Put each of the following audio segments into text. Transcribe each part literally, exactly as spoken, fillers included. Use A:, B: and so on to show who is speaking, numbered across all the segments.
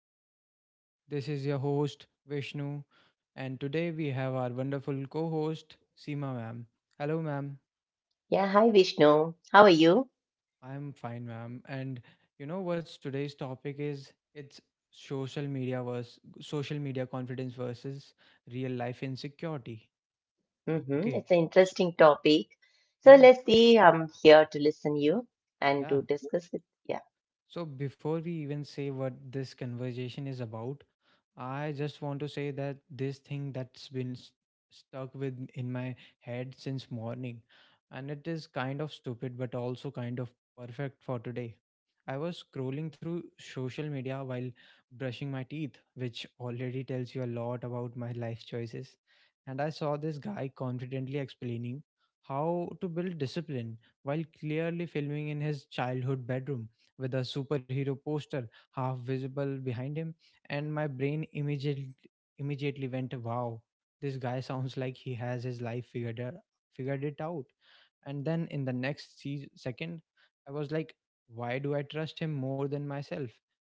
A: podcast. This is your host, Vishnu, and today we have our wonderful co host, Seema ma'am. Hello, ma'am.
B: Yeah, hi Vishnu. How are you?
A: I'm fine, ma'am. And you know what's today's topic is? It's social media versus social media confidence versus real life insecurity.
B: Hmm,
A: Okay.
B: it's an
A: So,
B: interesting topic. So
A: yeah,
B: let's see. I'm here to listen you and
A: yeah.
B: to discuss it. Yeah.
A: So, before we even say what this conversation is about, I just want to say that this thing that's been s- stuck with in my head since morning, and it is kind of stupid but also kind of perfect for today. I was scrolling through social media while brushing my teeth, which already tells you a lot about my life choices. And I saw this guy confidently explaining how to build discipline while clearly filming in his childhood bedroom with a superhero poster half visible behind him, and my brain immediately immediately went, wow, this guy sounds like he has his life figured out, figured it out And then in the next se- second I was like, why do I trust him more than myself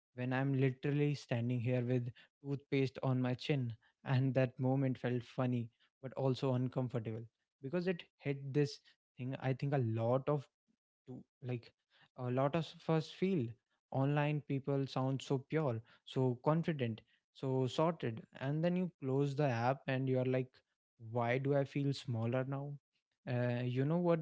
A: when I'm literally standing here with toothpaste on my chin? And that moment felt funny but also uncomfortable, because it hit this thing I think a lot of to like a lot of us feel. Online, people sound so pure, so confident, so sorted, and then you close the app and you're like, why do I feel smaller now? Uh, you know what?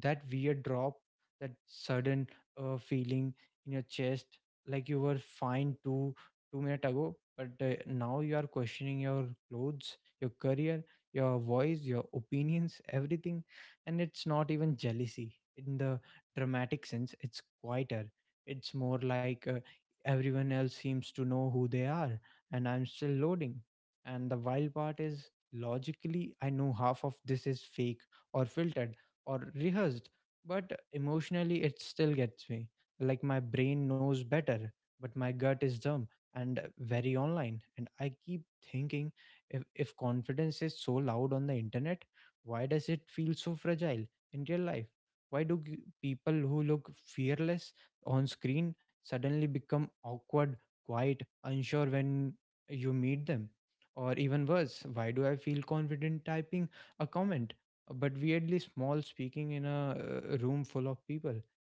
A: That weird drop, that sudden uh, feeling in your chest, like you were fine two two minutes ago, but uh, now you are questioning your clothes, your career, your voice, your opinions, everything. And it's not even jealousy in the dramatic sense. It's quieter. It's more like, uh, everyone else seems to know who they are and I'm still loading. And the wild part is, logically I know half of this is fake or filtered or rehearsed, but emotionally it still gets me. Like, my brain knows better, but my gut is dumb and very online. And I keep thinking, if, if confidence is so loud on the internet, why does it feel so fragile in real life? Why do g- people who look fearless on screen suddenly become awkward, quiet, unsure when you meet them? Or even worse, why do I feel confident typing a comment, but weirdly small speaking in a uh, room full of people?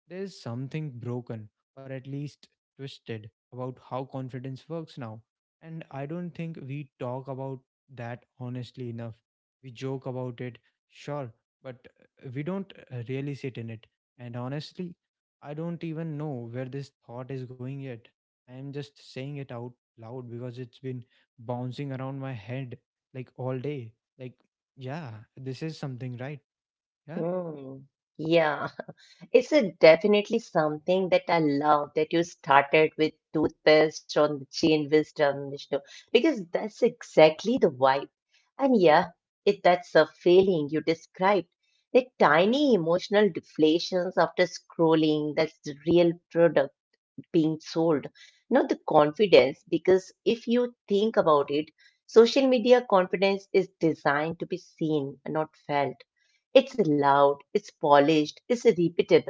A: There is something broken, or at least twisted, about how confidence works now. And I don't think we talk about that honestly enough. We joke about it, sure, but we don't uh, really sit in it. And honestly, I don't even know where this thought is going yet. I am just saying it out loud because it's been bouncing around my head like all day. Like, yeah, this is something, right? Yeah.
B: Mm. Yeah. It's a definitely something that I love that you started with toothpaste on the chain wisdom, Vishnu, because that's exactly the vibe. And yeah, it that's a feeling you described. The tiny emotional deflations after scrolling, that's the real product being sold, not the confidence. Because if you think about it, social media confidence is designed to be seen, not felt. It's loud, it's polished, it's repeatable.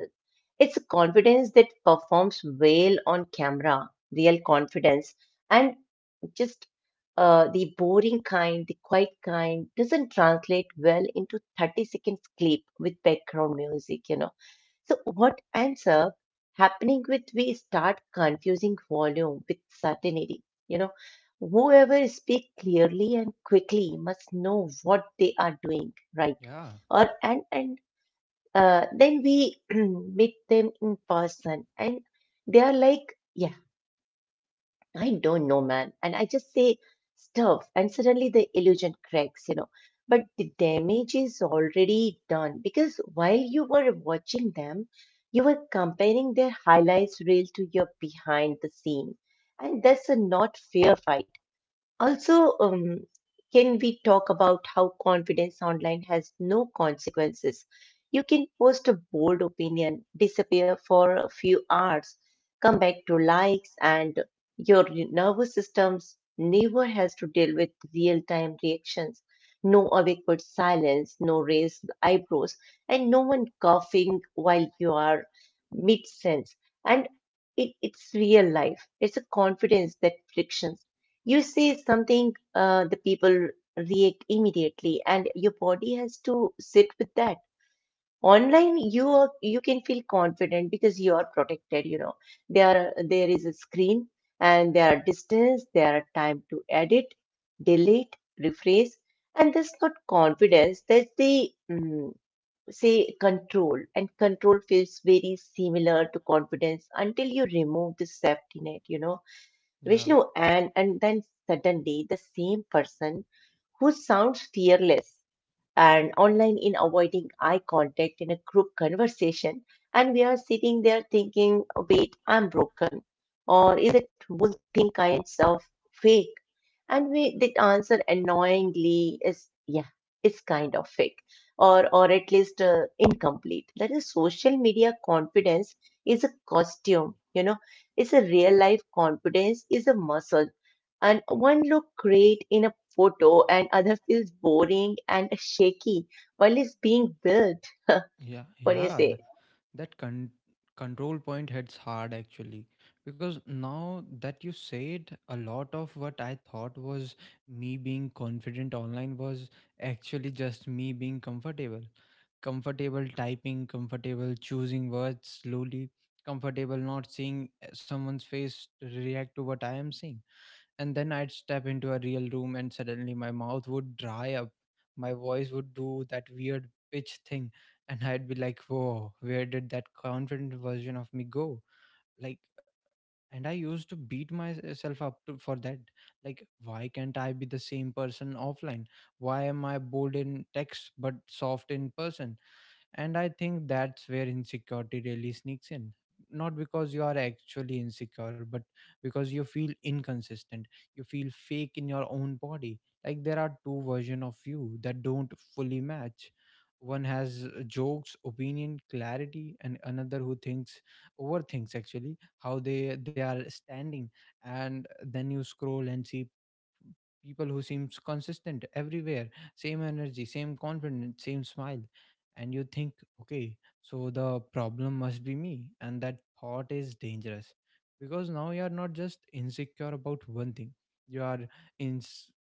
B: It's a confidence that performs well on camera, real confidence, and just uh, the boring kind, the quiet kind, doesn't translate well into thirty seconds clip with background music, you know. So what ends up happening with we start confusing volume with certainty. You know, whoever speak clearly and quickly must know what they are doing, right?
A: Yeah,
B: Or and and uh, then we meet them in person, and they are like, I don't know, man. And I just say stuff, and suddenly the illusion cracks, you know. But the damage is already done because while you were watching them, you were comparing their highlights reel to your behind the scenes. And that's a not fair fight. Also, um, can we talk about how confidence online has no consequences? You can post a bold opinion, disappear for a few hours, come back to likes, and your nervous systems never has to deal with real-time reactions. No awkward silence, no raised eyebrows, and no one coughing while you are makes sense. And it, it's real life. It's a confidence that frictions. You say something, uh, the people react immediately, and your body has to sit with that. Online, you are, you can feel confident because you are protected. You know, there are, there is a screen, and there are distance, there are time to edit, delete, rephrase, and that's not confidence. That's the mm, say control, and control feels very similar to confidence until you remove the safety net, you know,
A: yeah.
B: Vishnu. And and then suddenly the same person who sounds fearless and online in avoiding eye contact in a group conversation. And we are sitting there thinking, wait, I'm broken. Or is it Will multiple kinds self fake? And we that answer annoyingly is yeah, it's kind of fake. Or or at least uh, incomplete. That is social media confidence is a costume, you know, it's a real life confidence is a muscle. And one look great in a photo and other feels boring and shaky while it's being built. What
A: Yeah,
B: do you
A: yeah, that,
B: say?
A: that con- control point hits hard, actually. Because now that you say it, a lot of what I thought was me being confident online was actually just me being comfortable. Comfortable typing, comfortable choosing words slowly, comfortable not seeing uh, someone's face react to what I am saying. And then I'd step into a real room and suddenly my mouth would dry up. My voice would do that weird pitch thing, and I'd be like, whoa, where did that confident version of me go? Like, and I used to beat myself up to, for that. Like, why can't I be the same person offline? Why am I bold in text but soft in person? And I think that's where insecurity really sneaks in. Not because you are actually insecure, but because you feel inconsistent. You feel fake in your own body. Like there are two versions of you that don't fully match. One has uh, jokes, opinion, clarity, and another who thinks overthinks actually how they they are standing. And then you scroll and see people who seems consistent everywhere, same energy, same confidence, same smile, and you think, okay, so the problem must be me. And that thought is dangerous, because now you are not just insecure about one thing, you are in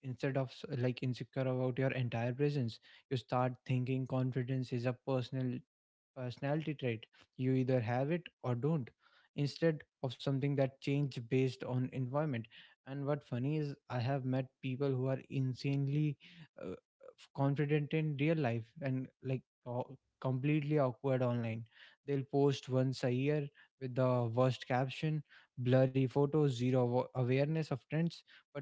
A: instead of s- like insecure about your entire presence. You start thinking confidence is a personal personality trait. You either have it or don't, instead of something that change based on environment. And what funny is, I have met people who are insanely uh, f- confident in real life and like co- completely awkward online. They'll post once a year with the worst caption, blurry photos, zero awa- awareness of trends, but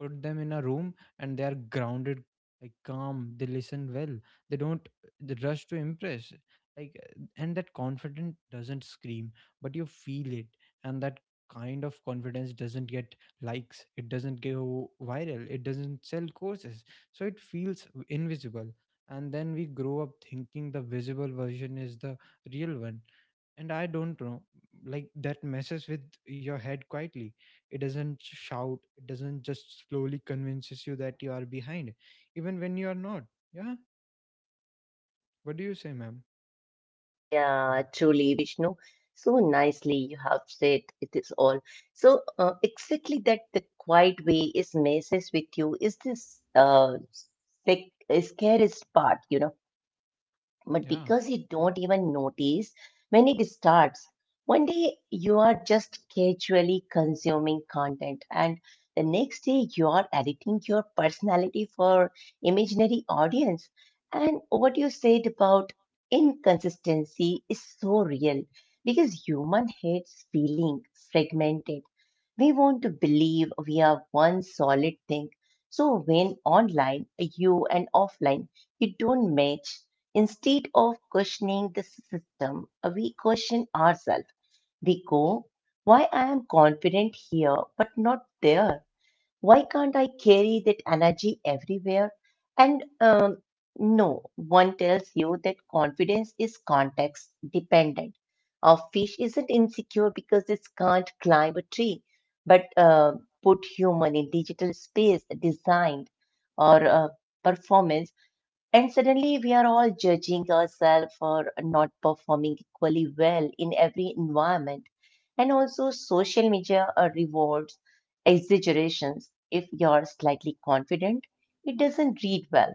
A: put them in a room and they are grounded, like calm. They listen well. They don't They rush to impress, like uh, and that confidence doesn't scream, but you feel it. And that kind of confidence doesn't get likes, it doesn't go viral, it doesn't sell courses, so it feels invisible. And then we grow up thinking the visible version is the real one. And I don't know, like, that messes with your head quietly. It doesn't shout, it doesn't just slowly convinces you that you are behind even when you are not. Yeah. What do you say, ma'am?
B: Yeah, truly, Vishnu. So nicely you have said it is all. So uh, exactly that the quiet way is messes with you is this uh, sec- uh, scariest part, you know. But
A: Yeah,
B: because you don't even notice when it starts, one day you are just casually consuming content, and the next day you are editing your personality for imaginary audience. And what you said about inconsistency is so real because human hates feeling fragmented, we want to believe we are one solid thing. So when online, you and offline, it don't match, instead of questioning the system, we question ourselves. We go, why I am confident here but not there? Why can't I carry that energy everywhere? And um, no one tells you that confidence is context dependent. A fish isn't insecure because it can't climb a tree, but uh, put human in digital space designed or uh, performance, and suddenly we are all judging ourselves for not performing equally well in every environment. And also social media uh, rewards exaggerations. If you're slightly confident, it doesn't read well,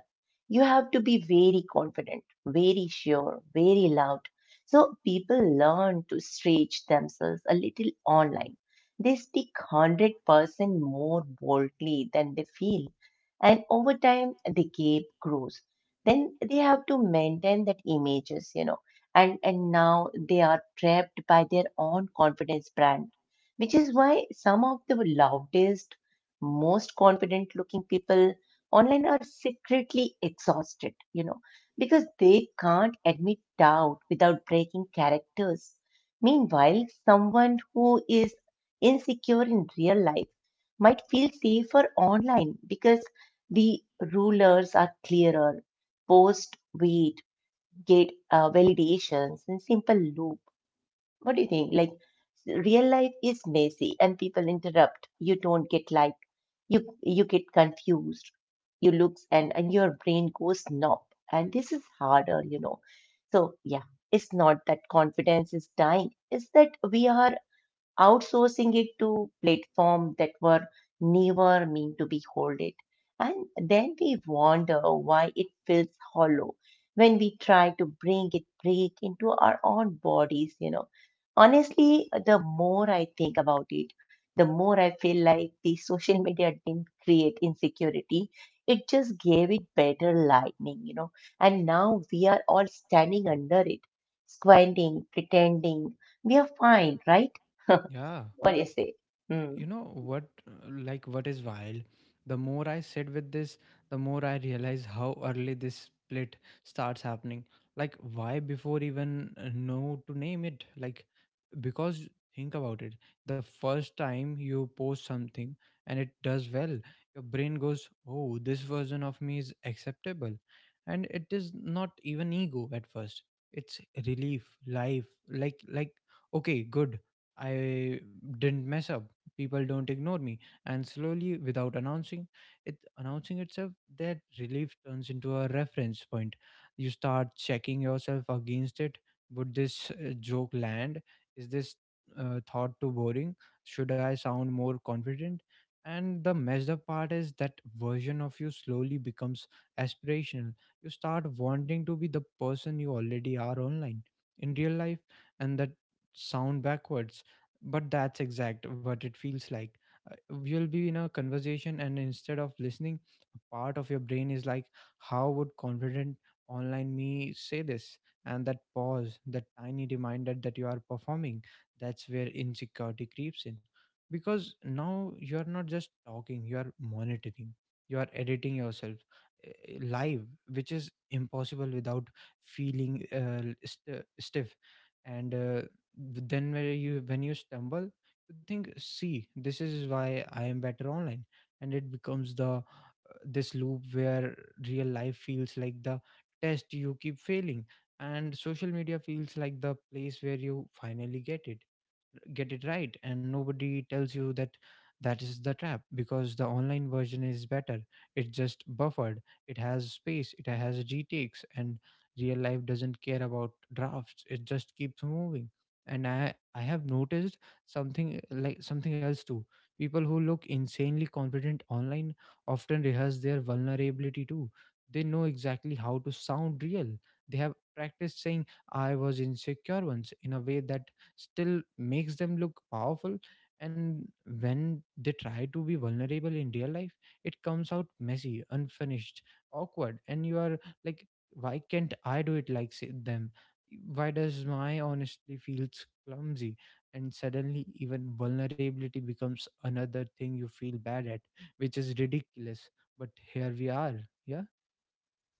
B: you have to be very confident, very sure, very loud. So people learn to stretch themselves a little online. They speak one hundred percent more boldly than they feel. And over time, the gap grows. Then they have to maintain that images, you know, and, and now they are trapped by their own confidence brand, which is why some of the loudest, most confident looking people online are secretly exhausted, you know, because they can't admit doubt without breaking characters. Meanwhile, someone who is insecure in real life might feel safer online because the rulers are clearer, post weight, gate uh, validations, and simple loop. What do you think? Like real life is messy and people interrupt. You don't get like you you get confused. You looks and and your brain goes numb. And this is harder, you know. So yeah, it's not that confidence is dying. It's that we are outsourcing it to platforms that were never meant to be hold it. And then we wonder why it feels hollow when we try to bring it break into our own bodies, you know. Honestly, the more I think about it, the more I feel like the social media didn't create insecurity. It just gave it better lightning, you know. And now we are all standing under it, squinting, pretending we are fine, right?
A: yeah.
B: What do you say?
A: You
B: Mm,
A: know what, uh, like, what is wild, the more I sit with this, the more I realize how early this split starts happening. Like, why before even uh, know to name it, like, because think about it, the first time you post something and it does well, your brain goes, oh, this version of me is acceptable. And it is not even ego at first, it's relief life like like, okay, good, I didn't mess up, people don't ignore me. And slowly, without announcing it announcing itself, that relief turns into a reference point. You start checking yourself against it. Would this uh, joke land? Is this uh, thought too boring? Should I sound more confident? And the messed up part is that version of you slowly becomes aspirational. You start wanting to be the person you already are online in real life. And that sound backwards, but that's exact what it feels like. Uh, you'll be in a conversation, and instead of listening, a part of your brain is like, how would confident online me say this? And that pause, that tiny reminder that you are performing, that's where insecurity creeps in. Because now you are not just talking, you are monitoring, you are editing yourself eh, eh, live, which is impossible without feeling uh, st- stiff. And uh, then when you when you stumble, you think, see, this is why I am better online. And it becomes the uh, this loop where real life feels like the test you keep failing, and social media feels like the place where you finally get it get it right. And nobody tells you that that is the trap, because the online version is better, it's just buffered, it has space, it has retakes. And real life doesn't care about drafts, it just keeps moving. And i i have noticed something like something else too. People who look insanely confident online often rehearse their vulnerability too. They know exactly how to sound real. They have practiced saying, I was insecure once, in a way that still makes them look powerful. And when they try to be vulnerable in real life, it comes out messy, unfinished, awkward, and you are like, why can't I do it like say, them? Why does my honestly feels clumsy? And suddenly even vulnerability becomes another thing you feel bad at, which is ridiculous, but here we are. Yeah.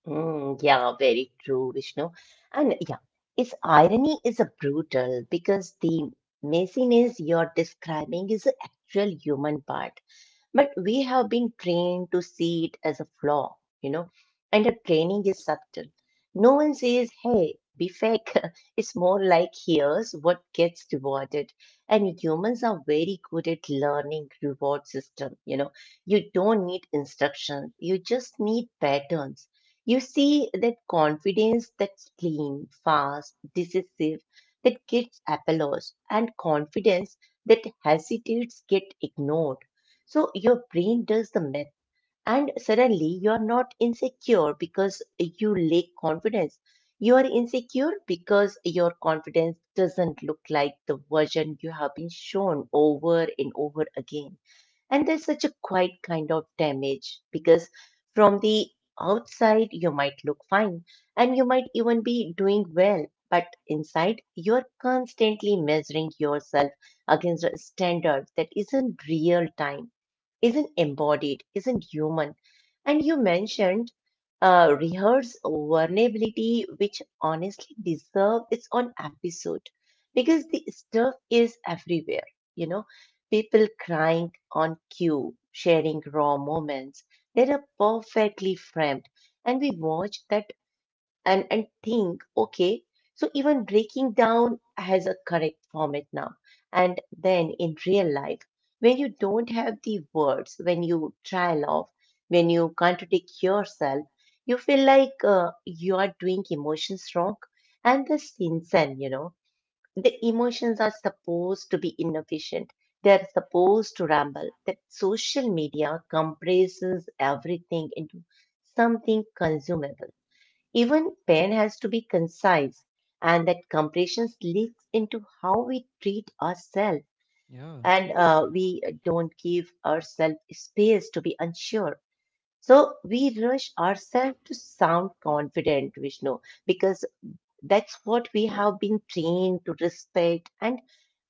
B: mm, yeah, very true, Vishnu. And yeah, its irony is a brutal because the messiness you're describing is the actual human part. But we have been trained to see it as a flaw, you know, and the training is subtle. No one says, hey, be fake. It's more like, here's what gets rewarded. And humans are very good at learning reward system, you know. You don't need instructions. You just need patterns. You see that confidence that's clean, fast, decisive, that gets applause, and confidence that hesitates get ignored, so your brain does the math, and suddenly you are not insecure because you lack confidence. You are insecure because your confidence doesn't look like the version you have been shown over and over again. And there's such a quiet kind of damage because from the outside, you might look fine and you might even be doing well, but inside, you're constantly measuring yourself against a standard that isn't real time, isn't embodied, isn't human. And you mentioned uh, rehearse vulnerability, which honestly deserves its own episode because the stuff is everywhere, you know, people crying on cue, sharing raw moments they're perfectly framed, and we watch that and, and think, okay, so even breaking down has a correct format now. And then in real life, when you don't have the words, when you trail off, when you contradict yourself, you feel like uh, you are doing emotions wrong. And the Stinson, you know the emotions are supposed to be inefficient. They're supposed to ramble. That social media compresses everything into something consumable. Even pen has to be concise, and that compression leaks into how we treat ourselves,
A: Yeah.
B: and uh, we don't give ourselves space to be unsure. So we rush ourselves to sound confident, Vishnu, because that's what we have been trained to respect, and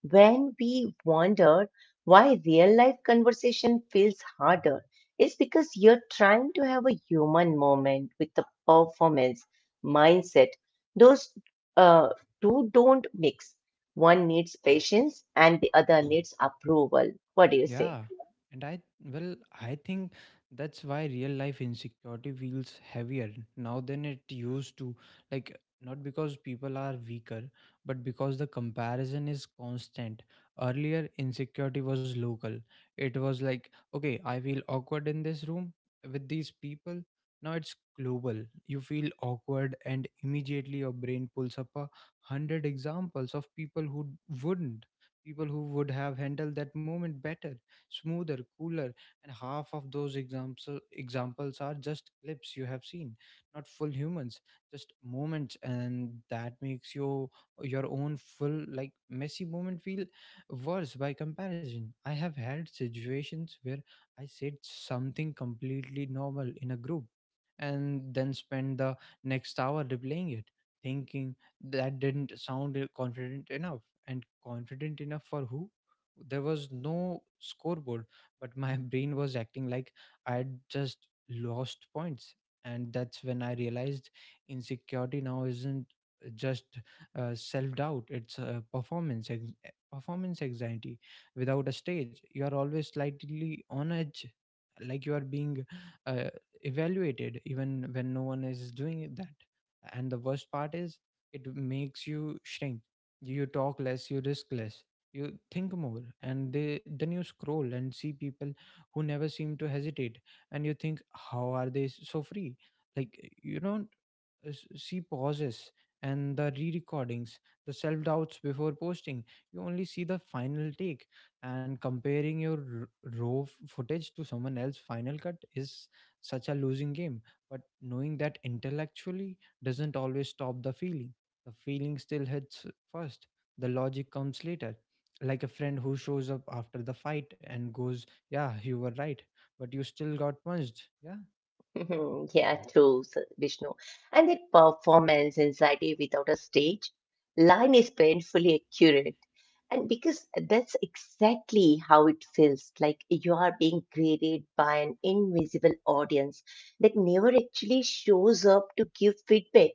B: when we wonder why real life conversation feels harder, it's because you're trying to have a human moment with the performance mindset. Those uh, two don't mix. One needs patience and the other needs approval. What do you say?
A: Yeah, and I well, I think that's why real life insecurity feels heavier now than it used to. Like, not because people are weaker, but because the comparison is constant. Earlier, insecurity was local. It was like, okay, I feel awkward in this room with these people. Now it's global. You feel awkward, and immediately your brain pulls up a hundred examples of people who wouldn't people who would have handled that moment better, smoother, cooler. And half of those examples examples are just clips you have seen, not full humans, just moments, and that makes your your own full like messy moment feel worse by comparison. I have had situations where I said something completely normal in a group, and then spend the next hour replaying it, thinking, that didn't sound confident enough. And confident enough for who? There was no scoreboard, but my brain was acting like I had just lost points. And that's when I realized insecurity now isn't just uh, self doubt, it's uh, performance, ex- eh, performance anxiety. Without a stage, you are always slightly on edge, like you are being uh, evaluated, even when no one is doing that. And the worst part is, it makes you shrink, you talk less, you risk less, you think more, and they then you scroll and see people who never seem to hesitate, and you think, how are they so free? Like you know s- see pauses and the re-recordings, the self-doubts before posting. You only see the final take, and comparing your r- raw f- footage to someone else's final cut is such a losing game. But knowing that intellectually doesn't always stop the feeling. The feeling still hits first, the logic comes later, like a friend who shows up after the fight and goes, yeah, you were right, but you still got punched. yeah
B: Mhm. Yeah, true, S- Vishnu. And the performance anxiety without a stage line is painfully accurate. And because that's exactly how it feels, like you are being graded by an invisible audience that never actually shows up to give feedback.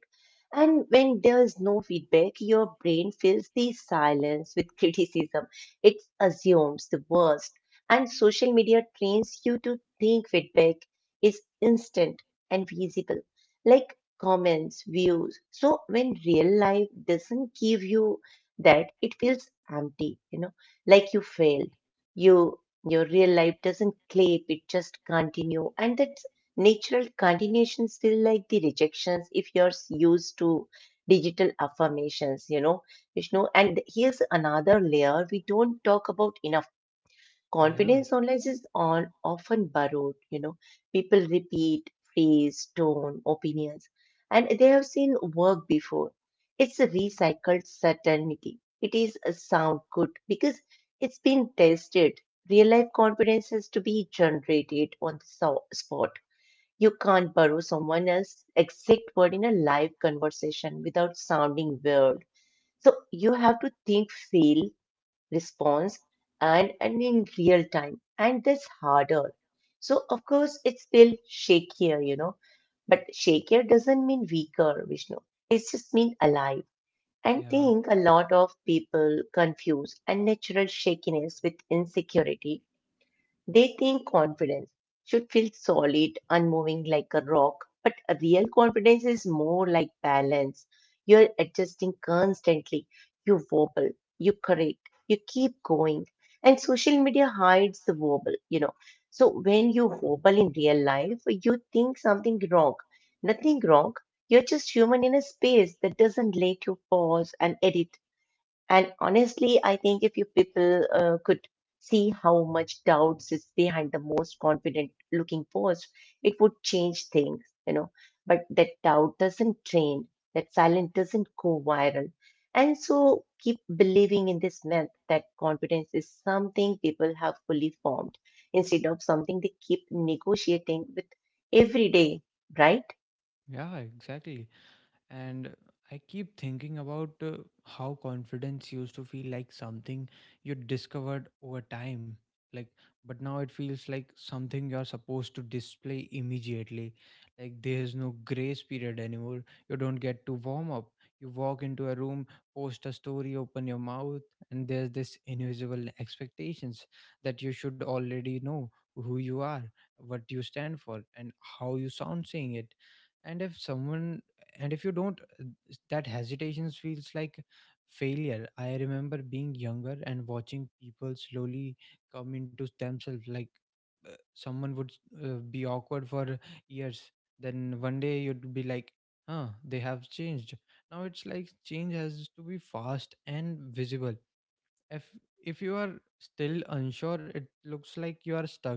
B: And when there is no feedback, your brain fills the silence with criticism. It assumes the worst. And social media trains you to think feedback is instant and visible, like comments, views. So when real life doesn't give you that, it feels empty, you know, like you failed. You your real life doesn't clap, it just continue. And that's natural continuations feel like the rejections if you're used to digital affirmations, you know. Vishnu. And here's another layer we don't talk about enough.
A: yeah
B: Confidence online is on often borrowed, you know. People repeat phrase, tone, opinions, and they have seen work before. It's a recycled certainty. It is a sound good because it's been tested. Real life confidence has to be generated on the so- spot. You can't borrow someone else's exact word in a live conversation without sounding weird. So you have to think, feel, response and, and in real time. And that's harder. So, of course, it's still shakier, you know, but shakier doesn't mean weaker, Vishnu. It just means alive. And
A: yeah
B: think a lot of people confuse unnatural shakiness with insecurity, they think confidence should feel solid, unmoving like a rock, but a real confidence is more like balance. You're adjusting constantly. You wobble, you correct, you keep going. And social media hides the wobble, you know. So when you wobble in real life, you think something wrong. Nothing wrong. You're just human in a space that doesn't let you pause and edit. And honestly, I think if you people uh, could see how much doubts is behind the most confident looking post, it would change things, you know. But that doubt doesn't train, that silence doesn't go viral. And so keep believing in this myth that confidence is something people have fully formed instead of something they keep negotiating with every day, right?
A: yeah Exactly. And I keep thinking about uh, how confidence used to feel like something you discovered over time, like, but now it feels like something you're supposed to display immediately. Like there's no grace period anymore. You don't get to warm up. You walk into a room, post a story, open your mouth, and there's this invisible expectations that you should already know who you are, what you stand for, and how you sound saying it. And if someone and if you don't, uh, that hesitation feels like failure. I remember being younger and watching people slowly come into themselves, like uh, someone would uh, be awkward for years, then one day you'd be like, huh, they have changed. Now it's like change has to be fast and visible. If if you are still unsure, it looks like you are stuck.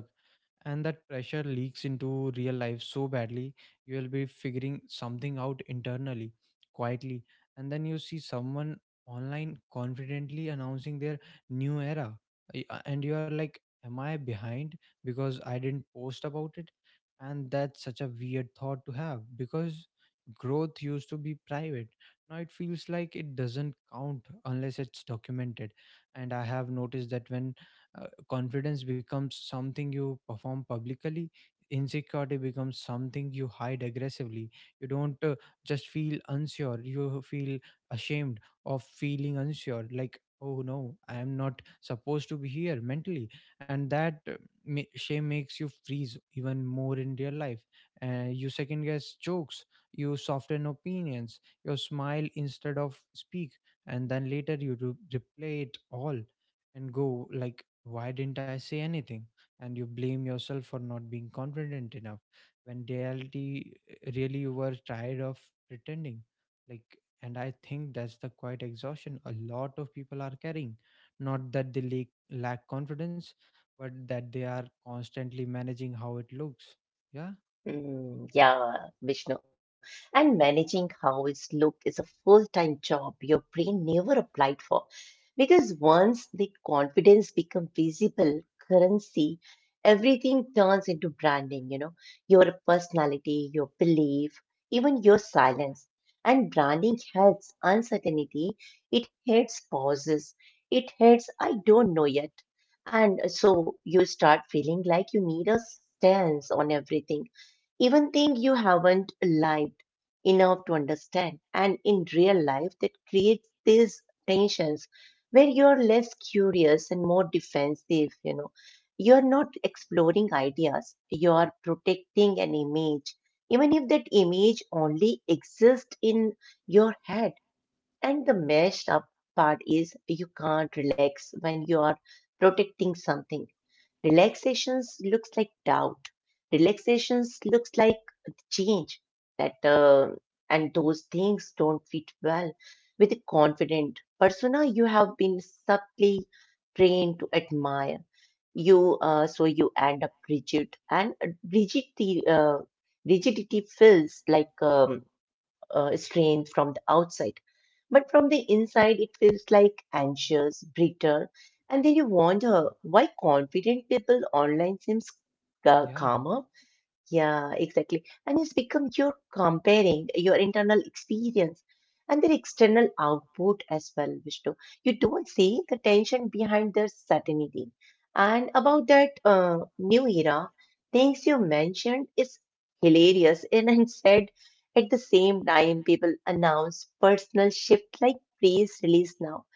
A: And that pressure leaks into real life so badly. You will be figuring something out internally, quietly, and then you see someone online confidently announcing their new era, y- uh, and you are like, am I behind because I didn't post about it? And that's such a weird thought to have, because growth used to be private. Now it feels like it doesn't count unless it's documented. And I have noticed that when uh, confidence becomes something you perform publicly, insecurity becomes something you hide aggressively. You don't uh, just feel unsure, you feel ashamed of feeling unsure. Like, oh no, I am not supposed to be here mentally. And that uh, ma- shame makes you freeze even more in real life. Uh, you second guess jokes, you soften opinions, you smile instead of speak, and then later you re- replay it all and go like, why didn't I say anything? And you blame yourself for not being confident enough when reality eh, really, you were tired of pretending. Like, and I think that's the quiet exhaustion a lot of people are carrying. Not that they lack, lack confidence, but that they are constantly managing how it looks. yeah
B: Mm, yeah, Vishnu. And managing how it's looked is a full-time job your brain never applied for. Because once the confidence become visible currency, everything turns into branding, you know, your personality, your belief, even your silence. And branding hates uncertainty, it hates pauses, it hates I don't know yet. And so you start feeling like you need a stance on everything even things you haven't lived enough to understand. And in real life, that creates these tensions where you're less curious and more defensive, you know. You're not exploring ideas, you are protecting an image, even if that image only exists in your head. And the messed up part is you can't relax when you are protecting something. Relaxations looks like doubt. Relaxations looks like change that uh, and those things don't fit well with a confident persona you have been subtly trained to admire. You uh, so you end up rigid and rigidity uh, rigidity feels like um, uh, strain from the outside but from the inside, it feels like anxious, brittle, and then you wonder why confident people online seems uh,
A: yeah
B: calmer. Yeah, exactly. And it's become you're comparing your internal experience and their external output as well, Vishnu. You don't see the tension behind their certainty. And about that uh, new era, things you mentioned is hilarious. And I said at the same time, people announce personal shift like press release now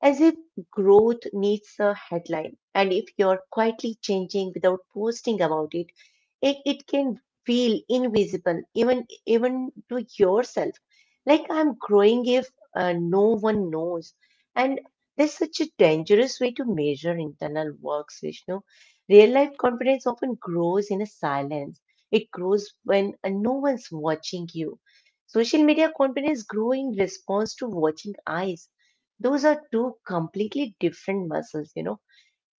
B: as if growth needs a headline. And if you're quietly changing without posting about it, it, it can feel invisible even even to yourself. Like I'm growing if uh, no one knows. And there's such a dangerous way to measure internal works, Vishnu. Real life confidence often grows in a silence. It grows when uh, no one's watching you. Social media confidence grow in response to watching eyes, those are two completely different muscles, you know.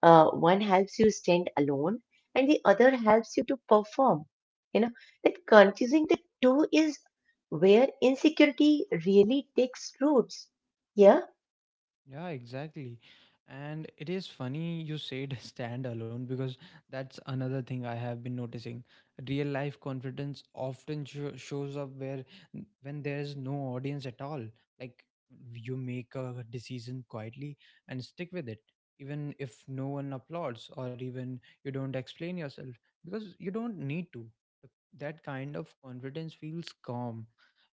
B: Uh, one helps you stand alone and the other helps you to perform. You know, that confusing the two is where insecurity really takes roots. Yeah.
A: Yeah, exactly. And it is funny you said stand alone, because that's another thing I have been noticing. Real life confidence often sho shows up where when there is no audience at all. Like, you make a decision quietly and stick with it, even if no one applauds, or even you don't explain yourself because you don't need to. That kind of confidence feels calm,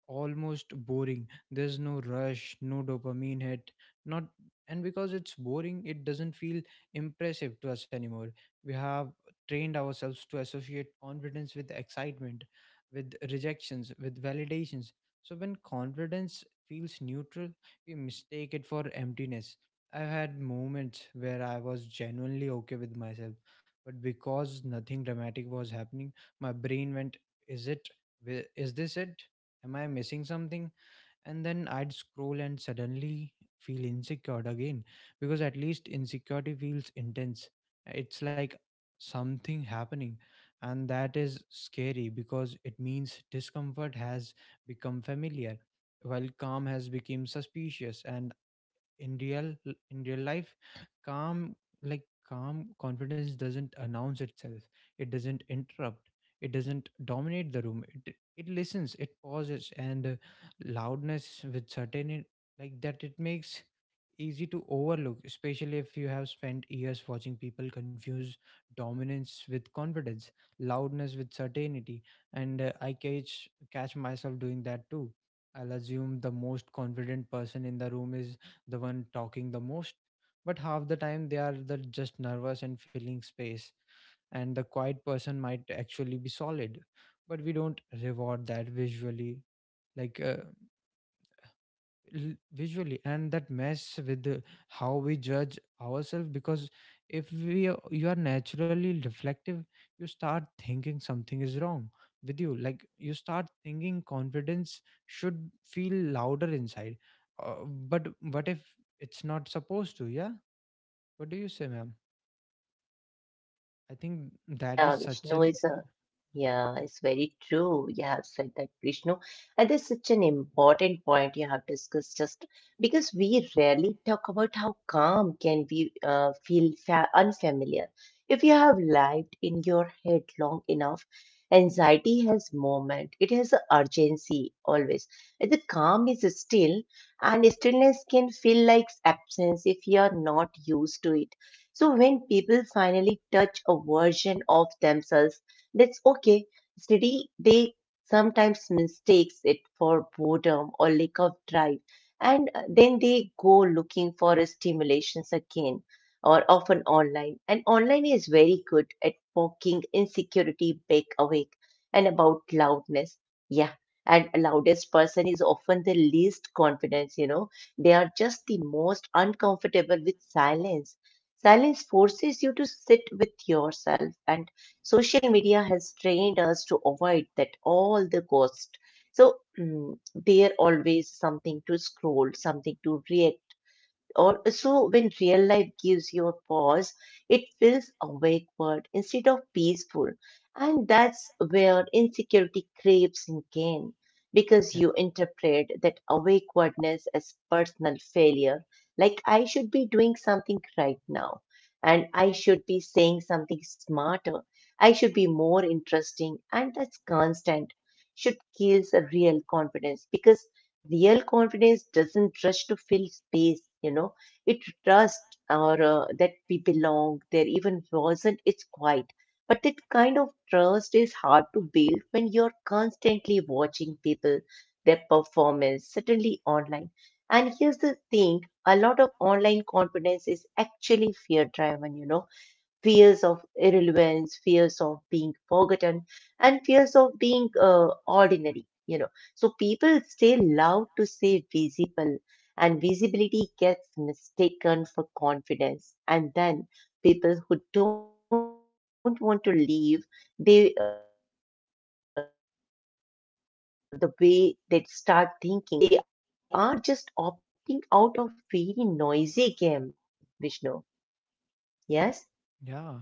A: almost boring. There's no rush, no dopamine hit, not, and because it's boring, it doesn't feel impressive to us anymore. We have trained ourselves to associate confidence with excitement, with rejections, with validations. So when confidence feels neutral, we mistake it for emptiness. I've had moments where I was genuinely okay with myself, but because nothing dramatic was happening, my brain went, is it? Wi- Is this it? Am I missing something? And then I'd scroll and suddenly feel insecure again, because at least insecurity feels intense. It's like something happening. And that is scary, because it means discomfort has become familiar while calm has become suspicious. And in real in real life, calm, like calm confidence doesn't announce itself, it doesn't interrupt, it doesn't dominate the room. It, it listens, it pauses, and uh, loudness with certainty, like that, it makes easy to overlook, especially if you have spent years watching people confuse dominance with confidence, loudness with certainty. And uh, i catch catch myself doing that too. I'll assume the most confident person in the room is the one talking the most, but half the time they are the just nervous and filling space, and the quiet person might actually be solid, but we don't reward that visually. Like uh, l- visually, and that mess with the- how we judge ourselves. Because if we are- you are naturally reflective, you start thinking something is wrong with you. Like, you start thinking confidence should feel louder inside. Uh, but what if it's not supposed to? Yeah, what do you say, ma'am? I think that is
B: Yeah,
A: such
B: Vishnu
A: an,
B: is a, yeah, it's very true. You have said that, Vishnu. And that's such an important point you have discussed just because we rarely talk about how calm can be uh, feel fa unfamiliar. If you have lived in your head long enough, anxiety has moment. It has a urgency always. And the calm is still, and stillness can feel like absence if you are not used to it. So when people finally touch a version of themselves that's okay, steady, they sometimes mistakes it for boredom or lack of drive. And uh, then they go looking for a stimulations again or often online. And online is very good at poking insecurity back awake. And about loudness. Yeah. And a loudest person is often the least confidence, you know. They are just the most uncomfortable with silence. Silence forces you to sit with yourself, and social media has trained us to avoid that all the cost. So mm, there always something to scroll, something to react also, when real life gives you a pause, it feels awkward instead of peaceful. And that's where insecurity creeps in again, because
A: yeah.
B: you interpret that awkwardness as personal failure, like I should be doing something right now, and I should be saying something smarter, I should be more interesting, and that's constant should kills a real confidence because real confidence doesn't rush to fill space, you know. It trusts or uh, that we belong there even wasn't it's quiet, but that kind of trust is hard to build when you're constantly watching people their performance certainly online. And here's the thing, a lot of online confidence is actually fear driven, you know, fears of irrelevance, fears of being forgotten, and fears of being uh, ordinary. You know, so people stay loud to stay visible, and visibility gets mistaken for confidence. And then people who don't want to leave, they uh, the way they start thinking they are lacking something. You know, they when really they are just opting out of very noisy game, Vishnu. Yes.
A: Yeah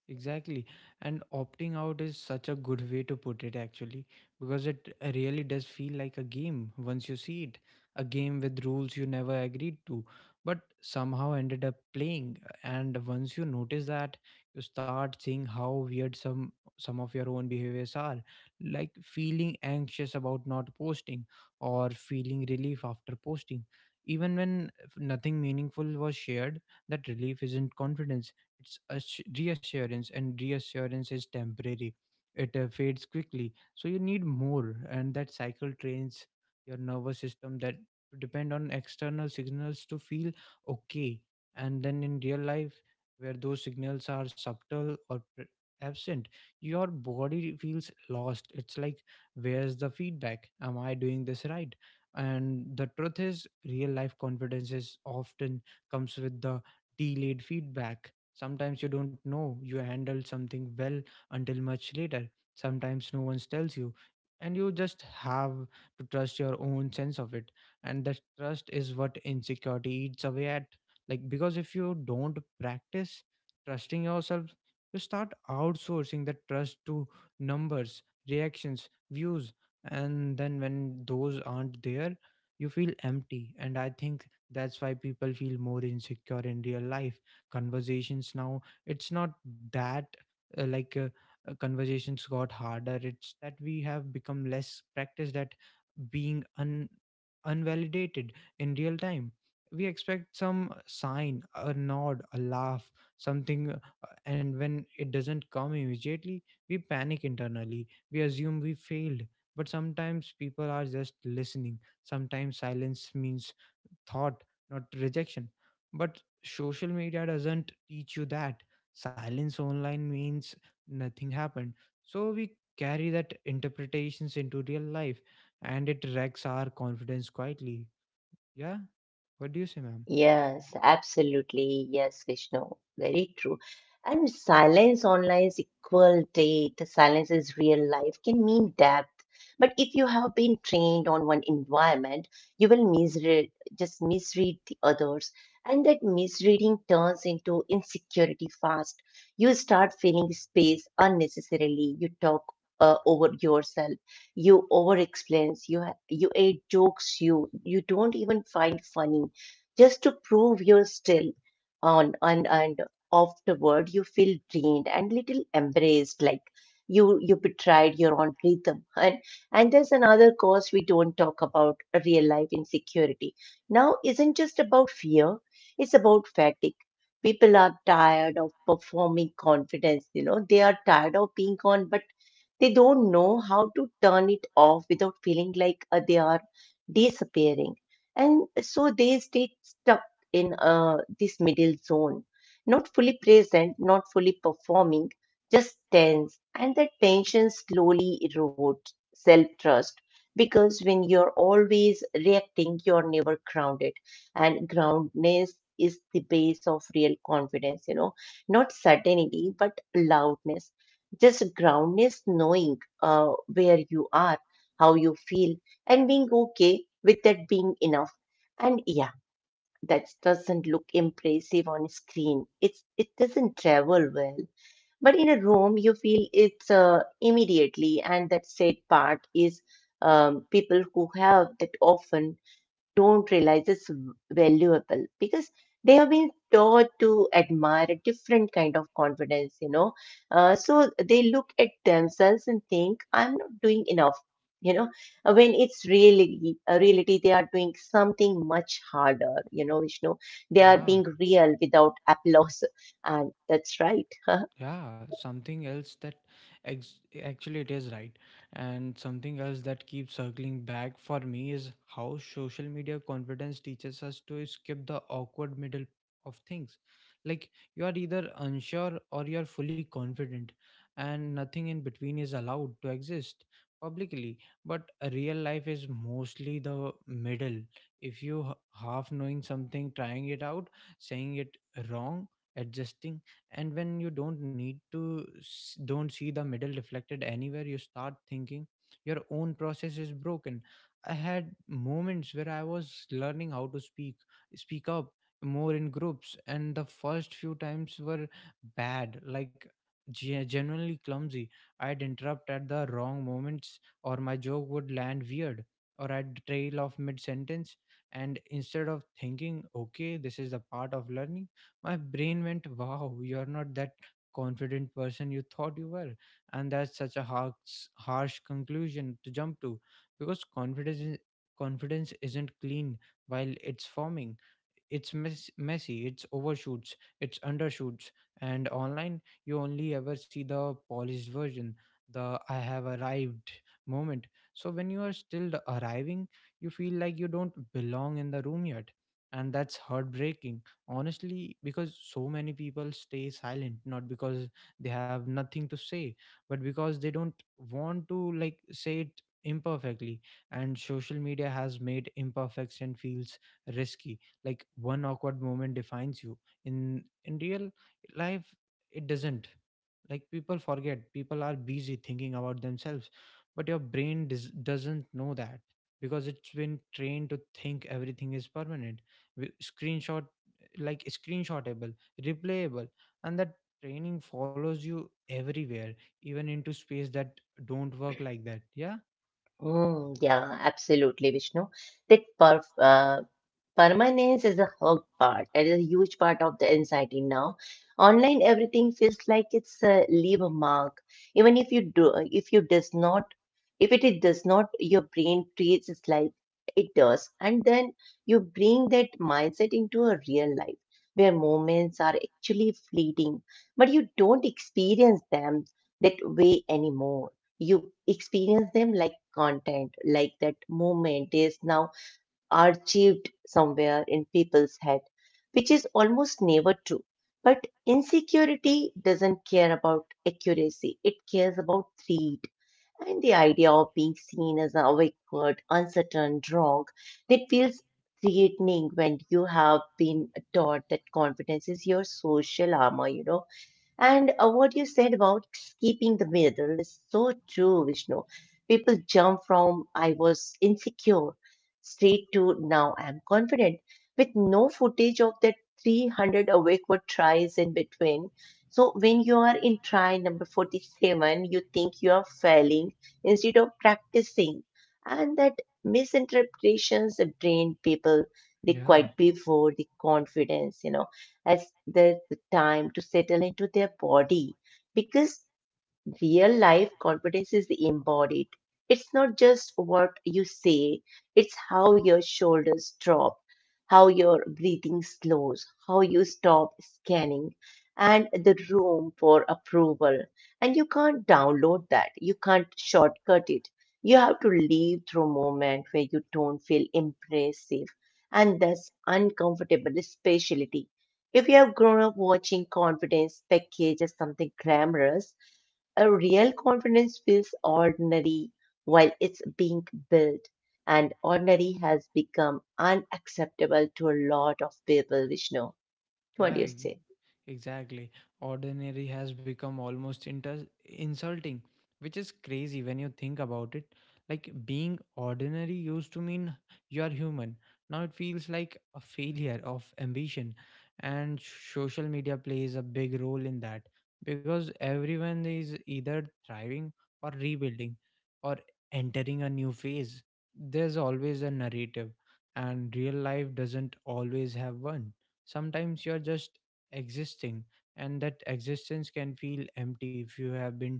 A: Exactly. And opting out is such a good way to put it, actually, because it really does feel like a game once you see it. A game with rules you never agreed to, but somehow ended up playing. And once you notice that, you start seeing how weird some some of your own behaviors are, like feeling anxious about not posting or feeling relief after posting. Even when nothing meaningful was shared, that relief isn't confidence, it's a sh- reassurance, and reassurance is temporary. It uh, fades quickly, so you need more, and that cycle trains your nervous system that to depend on external signals to feel okay. And then in real life, where those signals are subtle or pre- absent, your body feels lost. It's like, where's the feedback? Am I doing this right? And the truth is, real life confidence is often comes with the delayed feedback. Sometimes you don't know you handled something well until much later. Sometimes no one tells you, and you just have to trust your own sense of it. And that trust is what insecurity eats away at. Like, because if you don't practice trusting yourself, you start outsourcing that trust to numbers, reactions, views. And then when those aren't there, you feel empty. And I think that's why people feel more insecure in real life conversations now. It's not that, uh, like uh, uh, conversations got harder, it's that we have become less practiced at being un unvalidated in real time. We expect some sign, a nod, a laugh, something uh, And when it doesn't come immediately, we panic internally, we assume we failed. But sometimes people are just listening. Sometimes silence means thought, not rejection. But social media doesn't teach you that. Silence online means nothing happened. So we carry that interpretations into real life, and it wrecks our confidence quietly. Yeah? What do you say, ma'am?
B: Yes, absolutely. Yes, Vishnu. Very true. And silence online is equal date. Silence is real life can mean depth. But if you have been trained on one environment, you will misread, just misread the others. And that misreading turns into insecurity fast. You start filling space unnecessarily. You talk uh, over yourself. You over explain. You, ha- you add jokes you, you don't even find funny just to prove you're still on. And and afterward you feel drained and little embraced like you you betrayed your own rhythm. And and there's another cause we don't talk about. Real life insecurity now isn't just about fear, it's about fatigue. People are tired of performing confidence, you know, they are tired of being on, but they don't know how to turn it off without feeling like uh, they are disappearing. And so they stay stuck in uh, this middle zone, not fully present, not fully performing, just tense. And that tension slowly erodes self trust because when you're always reacting, you're never grounded. And groundness is the base of real confidence, you know, not certainty but loudness, just groundness, knowing uh, where you are, how you feel, and being okay with that being enough. And yeah, that doesn't look impressive on screen, it's it doesn't travel well, but in a room you feel it's uh, immediately. And that said part is um, people who have that often don't realize it's valuable because they have been taught to admire a different kind of confidence, you know. Uh, so they look at themselves and think, I'm not doing enough, you know. Uh, When it's really a reality, they are doing something much harder, you know, Vishnu. They are
A: Yeah.
B: being real without applause. And that's right.
A: Yeah, something else that ex- actually it is right. And something else that keeps circling back for me is how social media confidence teaches us to skip the awkward middle of things. Like, you are either unsure or you are fully confident, and nothing in between is allowed to exist publicly. But real life is mostly the middle. If you h- Half knowing something, trying it out, saying it wrong, adjusting. And when you don't need to s- don't see the middle reflected anywhere, you start thinking your own process is broken. I had moments where I was learning how to speak speak up more in groups, and the first few times were bad. Like, ge- genuinely clumsy. I'd interrupt at the wrong moments, or my joke would land weird, or I'd trail off mid sentence. And instead of thinking, okay, this is a part of learning, my brain went, wow, you're not that confident person you thought you were. And that's such a harsh, harsh conclusion to jump to. Because confidence is- confidence isn't clean while it's forming. It's mess- messy, it's overshoots, it's undershoots. And online, you only ever see the polished version, the I have arrived moment. So when you are still arriving, you feel like you don't belong in the room yet. And that's heartbreaking, honestly, because so many people stay silent, not because they have nothing to say, but because they don't want to like say it imperfectly. And social media has made imperfection feels risky, like one awkward moment defines you in in real life. It doesn't. Like, people forget, people are busy thinking about themselves, but your brain does, doesn't know that because it's been trained to think everything is permanent. Wi- screenshot like screenshotable, replayable, and that training follows you everywhere, even into space that don't work like that. Yeah.
B: Mm, yeah, absolutely, Vishnu. That perf uh, Permanence is a hug part. It is a huge part of the anxiety now. Online, everything feels like it's uh, leave a mark. Even if you do, if you does not, if it is does not, your brain treats it like it does, and then you bring that mindset into a real life where moments are actually fleeting, but you don't experience them that way anymore. You experience them like content, like that moment is now archived somewhere in people's head, which is almost never true. But insecurity doesn't care about accuracy, it cares about threat. And the idea of being seen as a awkward, uncertain, wrong, that feels threatening when you have been taught that confidence is your social armor, you know. And uh, what you said about keeping the middle is so true, Vishnu. People jump from I was insecure straight to now I'm confident with no footage of that three hundred awkward tries in between. So when you are in try number forty-seven, you think you are failing instead of practicing. And that misinterpretations drain people, they
A: Yeah,
B: quite before the confidence, you know, as the, the time to settle into their body because real life confidence is embodied. It's not just what you say, it's how your shoulders drop, how your breathing slows, how you stop scanning, and the room for approval. And you can't download that, you can't shortcut it. You have to live through a moment where you don't feel impressive and thus uncomfortable, especially if you have grown up watching confidence package as something glamorous. A real confidence feels ordinary while it's being built, and ordinary has become unacceptable to a lot of people, Vishnu.
A: yeah,
B: What do you say?
A: I, Exactly. Ordinary has become almost inter- insulting, which is crazy when you think about it. Like, being ordinary used to mean you are human. Now it feels like a failure of ambition. And social media plays a big role in that, because everyone is either thriving or rebuilding or entering a new phase. There's always a narrative, and real life doesn't always have one. Sometimes you're just existing, and that existence can feel empty if you have been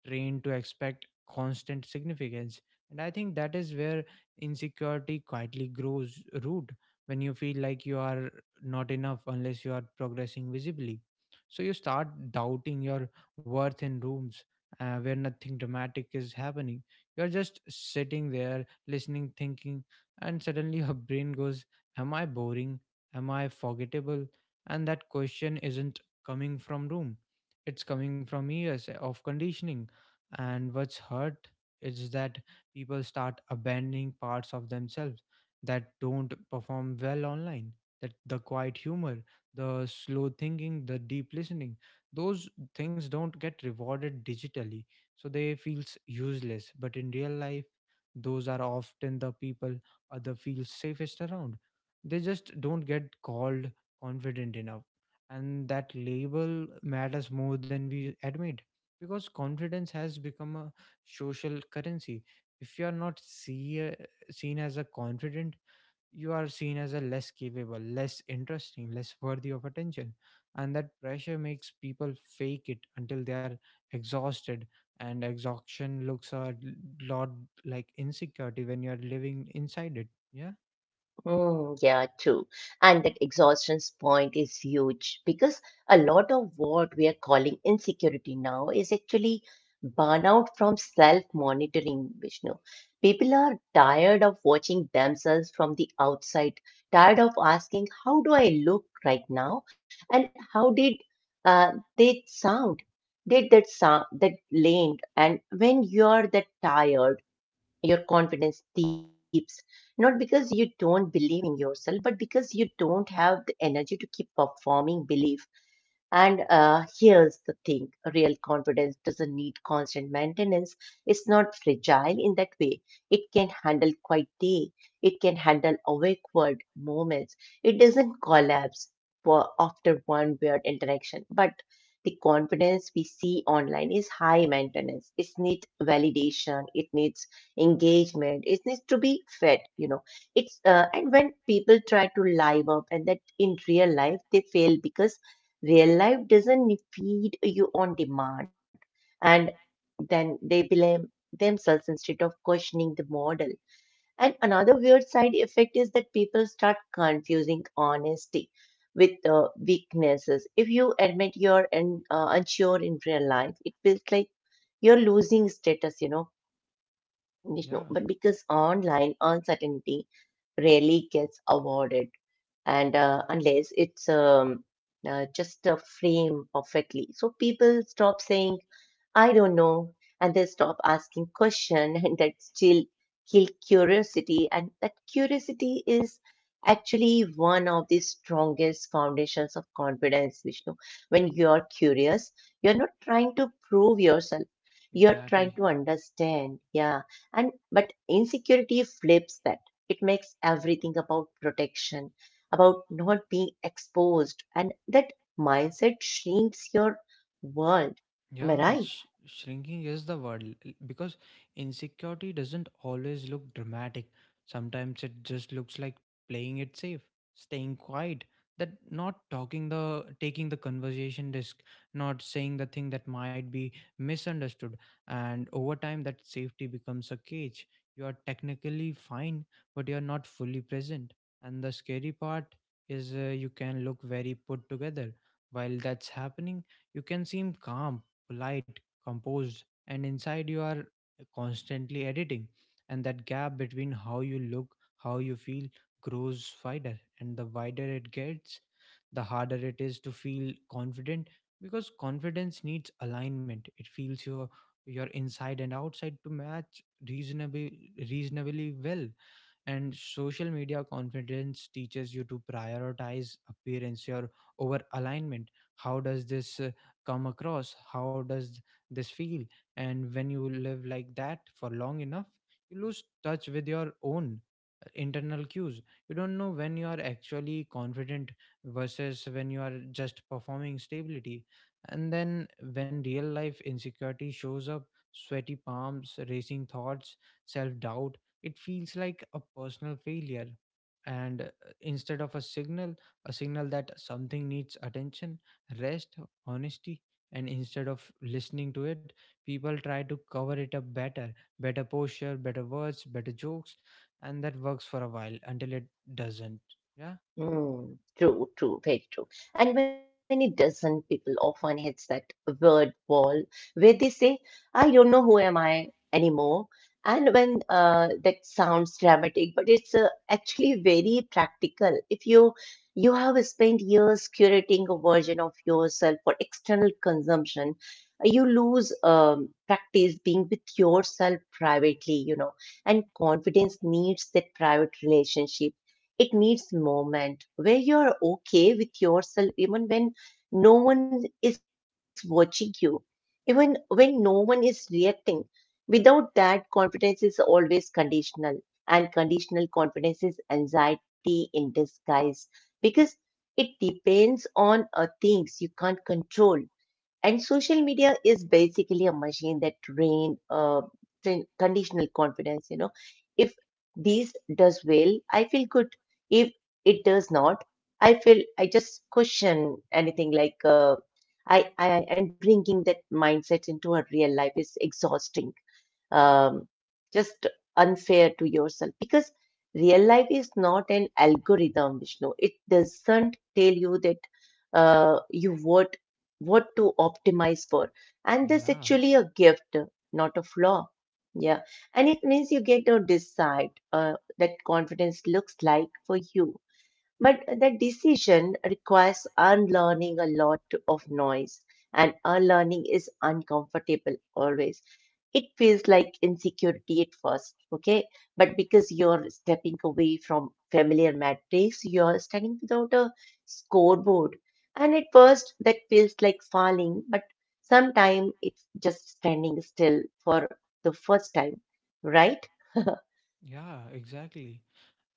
A: trained to expect constant significance. And I think that is where insecurity quietly grows root, when you feel like you are not enough unless you are progressing visibly. So you start doubting your worth in rooms uh, where nothing dramatic is happening. You're just sitting there, listening, thinking, and suddenly your brain goes, am I boring? Am I forgettable? And that question isn't coming from room, it's coming from years of conditioning. And what's hurt is that people start abandoning parts of themselves that don't perform well online, that the quiet humor, the slow thinking, the deep listening, those things don't get rewarded digitally, so they feels useless. But in real life, those are often the people other feel safest around. They just don't get called confident enough. And that label matters more than we admit because confidence has become a social currency. If you are not see, uh, seen as a confident, you are seen as a less capable, less interesting, less worthy of attention. And that pressure makes people fake it until they are exhausted. And exhaustion looks a lot like insecurity when you're living inside it. Yeah,
B: Mm, yeah, true. And that exhaustion's point is huge because a lot of what we are calling insecurity now is actually burnout from self-monitoring, Vishnu. People are tired of watching themselves from the outside, tired of asking, how do I look right now? And how did uh, they sound? Did that sound that lane? And when you're that tired, your confidence dips, not because you don't believe in yourself, but because you don't have the energy to keep performing belief. And uh, here's the thing, real confidence doesn't need constant maintenance. It's not fragile in that way. It can handle quiet day, it can handle awkward moments. It doesn't collapse for after one weird interaction. But the confidence we see online is high maintenance. It needs validation. It needs engagement. It needs to be fed. You know, it's uh, and when people try to live up, and that in real life they fail because real life doesn't need- feed you on demand, and then they blame themselves instead of questioning the model. And another weird side effect is that people start confusing honesty with uh, weaknesses. If you admit you're un- uh, unsure in real life, it feels like you're losing status, you know, Vishnu.
A: yeah,
B: But because online uncertainty rarely gets awarded, and uh, unless it's um, uh, just a frame perfectly. So people stop saying, I don't know, and they stop asking question, and that still kill curiosity. And that curiosity is actually one of the strongest foundations of confidence, Vishnu. When you're curious, you're not trying to prove yourself. You're trying to
A: exactly.
B: understand, yeah. And but insecurity flips that. It makes everything about protection about not being exposed and that mindset shrinks your world, am I
A: Yeah,
B: right?
A: sh- shrinking is the word l- because insecurity doesn't always look dramatic. Sometimes it just looks like playing it safe, staying quiet, that not talking the taking the conversation risk, not saying the thing that might be misunderstood. And over time that safety becomes a cage. You are technically fine, but you are not fully present. And the scary part is uh, you can look very put together. While that's happening, you can seem calm, polite, composed, and inside you are constantly editing. And that gap between how you look, how you feel grows wider. And the wider it gets, the harder it is to feel confident because confidence needs alignment. It feels your your inside and outside to match reasonably reasonably well. And social media confidence teaches you to prioritize appearance your over alignment. How does this uh, come across? How does this feel? And when you live like that for long enough, you lose touch with your own internal cues. You don't know when you are actually confident versus when you are just performing stability. And then when real life insecurity shows up, sweaty palms, racing thoughts, self doubt, it feels like a personal failure, and uh, instead of a signal, a signal that something needs attention, rest, honesty. And instead of listening to it, people try to cover it up better: better posture, better words, better jokes. And that works for a while until it doesn't. Yeah.
B: Mm, true, true, very true. And when it doesn't, people often hits that word wall where they say, I don't know who am I anymore. And when uh, that sounds dramatic, but it's uh, actually very practical. If you you have spent years curating a version of yourself for external consumption, you lose um, practice being with yourself privately, you know, and confidence needs that private relationship. It needs moment where you're okay with yourself even when no one is watching you, even when no one is reacting. Without that, confidence is always conditional, and conditional confidence is anxiety in disguise because it depends on uh, things you can't control. And social media is basically a machine that train, uh, train conditional confidence. You know, if this does well, I feel good. If it does not, I feel I just question anything like uh, I, I and bringing that mindset into our real life is exhausting, um, just unfair to yourself because real life is not an algorithm, Vishnu. It doesn't tell you that uh, you what what to optimize for, and that's
A: Yeah,
B: actually a gift, not a flaw. Yeah, and it means you get to decide uh, that confidence looks like for you, but that decision requires unlearning a lot of noise, and unlearning is uncomfortable always. It feels like insecurity at first, okay? But because you're stepping away from familiar metrics, you're standing without a scoreboard. And at first, that feels like falling, but sometimes it's just standing still for the first time, right?
A: yeah, exactly.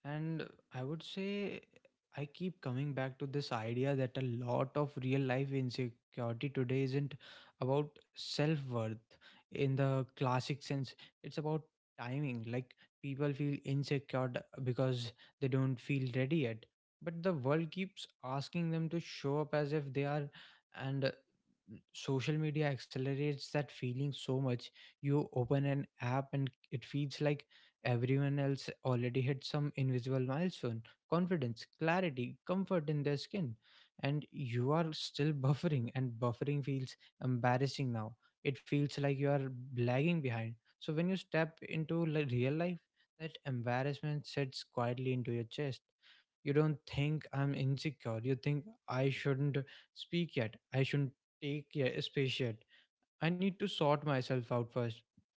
A: And I would say I keep coming back to this idea that a lot of real life insecurity today isn't about self worth in the classic sense, it's about timing. Like, people feel insecure d- because they don't feel ready yet. But the world keeps asking them to show up as if they are, and uh, social media accelerates that feeling so much. You open an app and it feels like everyone else already hit some invisible milestone: confidence, clarity, comfort in their skin. And you are still buffering, and buffering feels embarrassing now. It feels like you are lagging behind. So when you step into li- real life, that embarrassment sits quietly into your chest. You don't think I'm insecure. You think I shouldn't speak yet. I shouldn't take, yeah, space yet. I need to sort myself out first.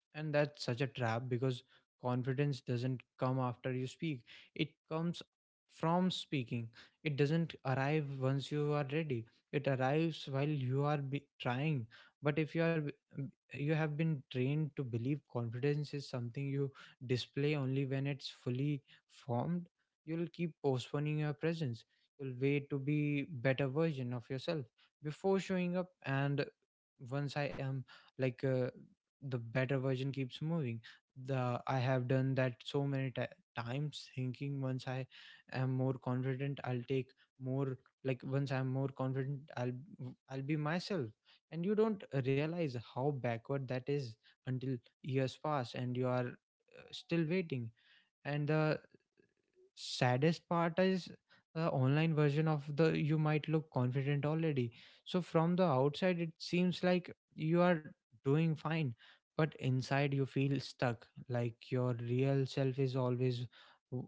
A: And that's such a trap because confidence doesn't come after you speak, it comes from speaking. It doesn't arrive once you are ready, it arrives while you are be- trying. But if you are b- you have been trained to believe confidence is something you display only when it's fully formed, you'll keep postponing your presence. You'll wait to be better version of yourself before showing up. And once I am, like, uh, the better version keeps moving. The I have done that so many ti times thinking once I am more confident, I'll take more, like once I'm more confident, i'll I'll be myself. And you don't realize how backward that is until years pass and you are, uh, still waiting. And the saddest part is the online version of the you might look confident already, so from the outside it seems like you are doing fine. But inside you feel stuck, like your real self is always w-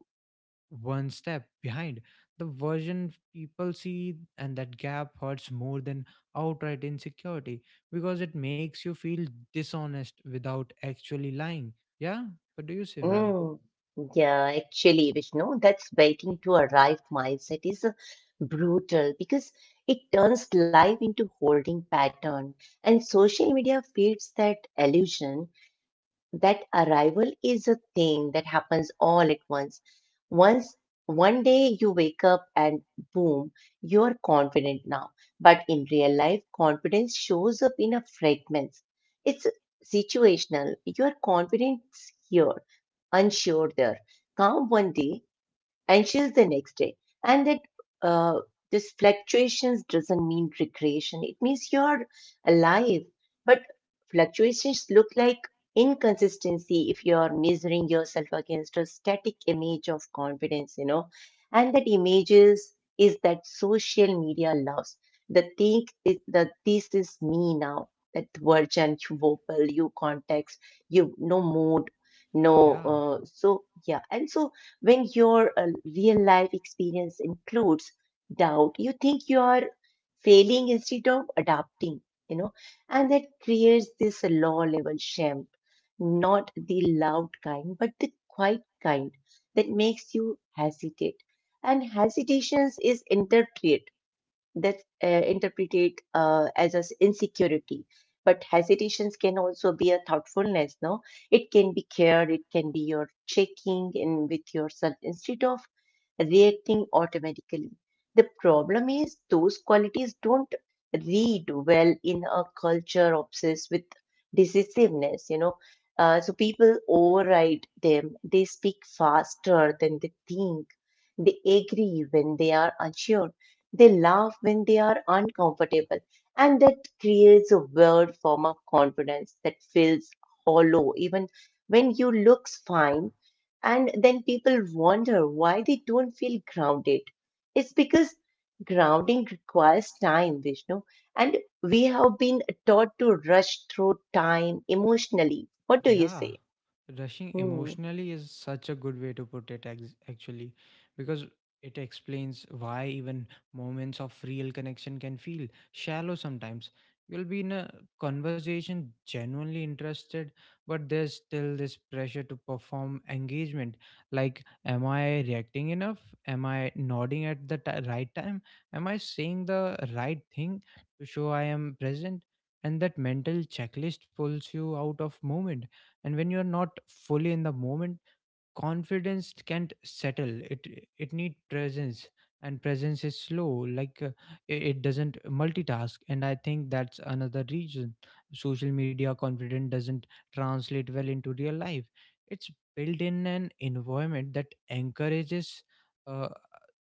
A: one step behind the version people see, and that gap hurts more than outright insecurity because it makes you feel dishonest without actually lying. Yeah. What do you say, ma'am?
B: Mm, yeah, actually, Vishnu, that's waiting to arrive mindset is uh, brutal because it turns life into holding pattern, and social media feeds that illusion that arrival is a thing that happens all at once. Once one day you wake up and boom, you're confident now. But in real life, confidence shows up in a fragments. It's situational. You're confident here, unsure there, calm one day, anxious the next day, and that uh, this fluctuations doesn't mean regression. It means you're alive. But fluctuations look like inconsistency if you're measuring yourself against a static image of confidence, you know. And that images is that social media loves. The think is that this is me now. That version, you vocal, you context, you no mood, no,
A: Yeah.
B: uh, so yeah, and so when your uh, real life experience includes doubt, you think you are failing instead of adapting, you know, and that creates this low level shame, not the loud kind, but the quiet kind that makes you hesitate. And hesitations is interpreted, that's uh, interpreted uh, as a s- insecurity, but hesitations can also be a thoughtfulness, no, it can be care, it can be your checking in with yourself instead of reacting automatically. The problem is those qualities don't read well in a culture obsessed with decisiveness, you know. Uh, so people override them. They speak faster than they think. They agree when they are unsure. They laugh when they are uncomfortable. And that creates a weird form of confidence that feels hollow, even when you looks fine, and then people wonder why they don't feel grounded. It's because grounding requires time, Vishnu. And we have been taught to rush through time emotionally. What do you
A: Yeah,
B: say?
A: rushing
B: Hmm.
A: emotionally is such a good way to put it, ex- actually, because it explains why even moments of real connection can feel shallow sometimes. You'll be in a conversation genuinely interested, but there's still this pressure to perform engagement. Like, am I reacting enough? Am I nodding at the ti right time? Am I saying the right thing to show I am present? And that mental checklist pulls you out of moment. And when you are not fully in the moment, confidence can't settle it. It need presence, and presence is slow. Like, uh, i- it doesn't multitask. And I think that's another reason social media confidence doesn't translate well into real life. It's built in an environment that encourages uh,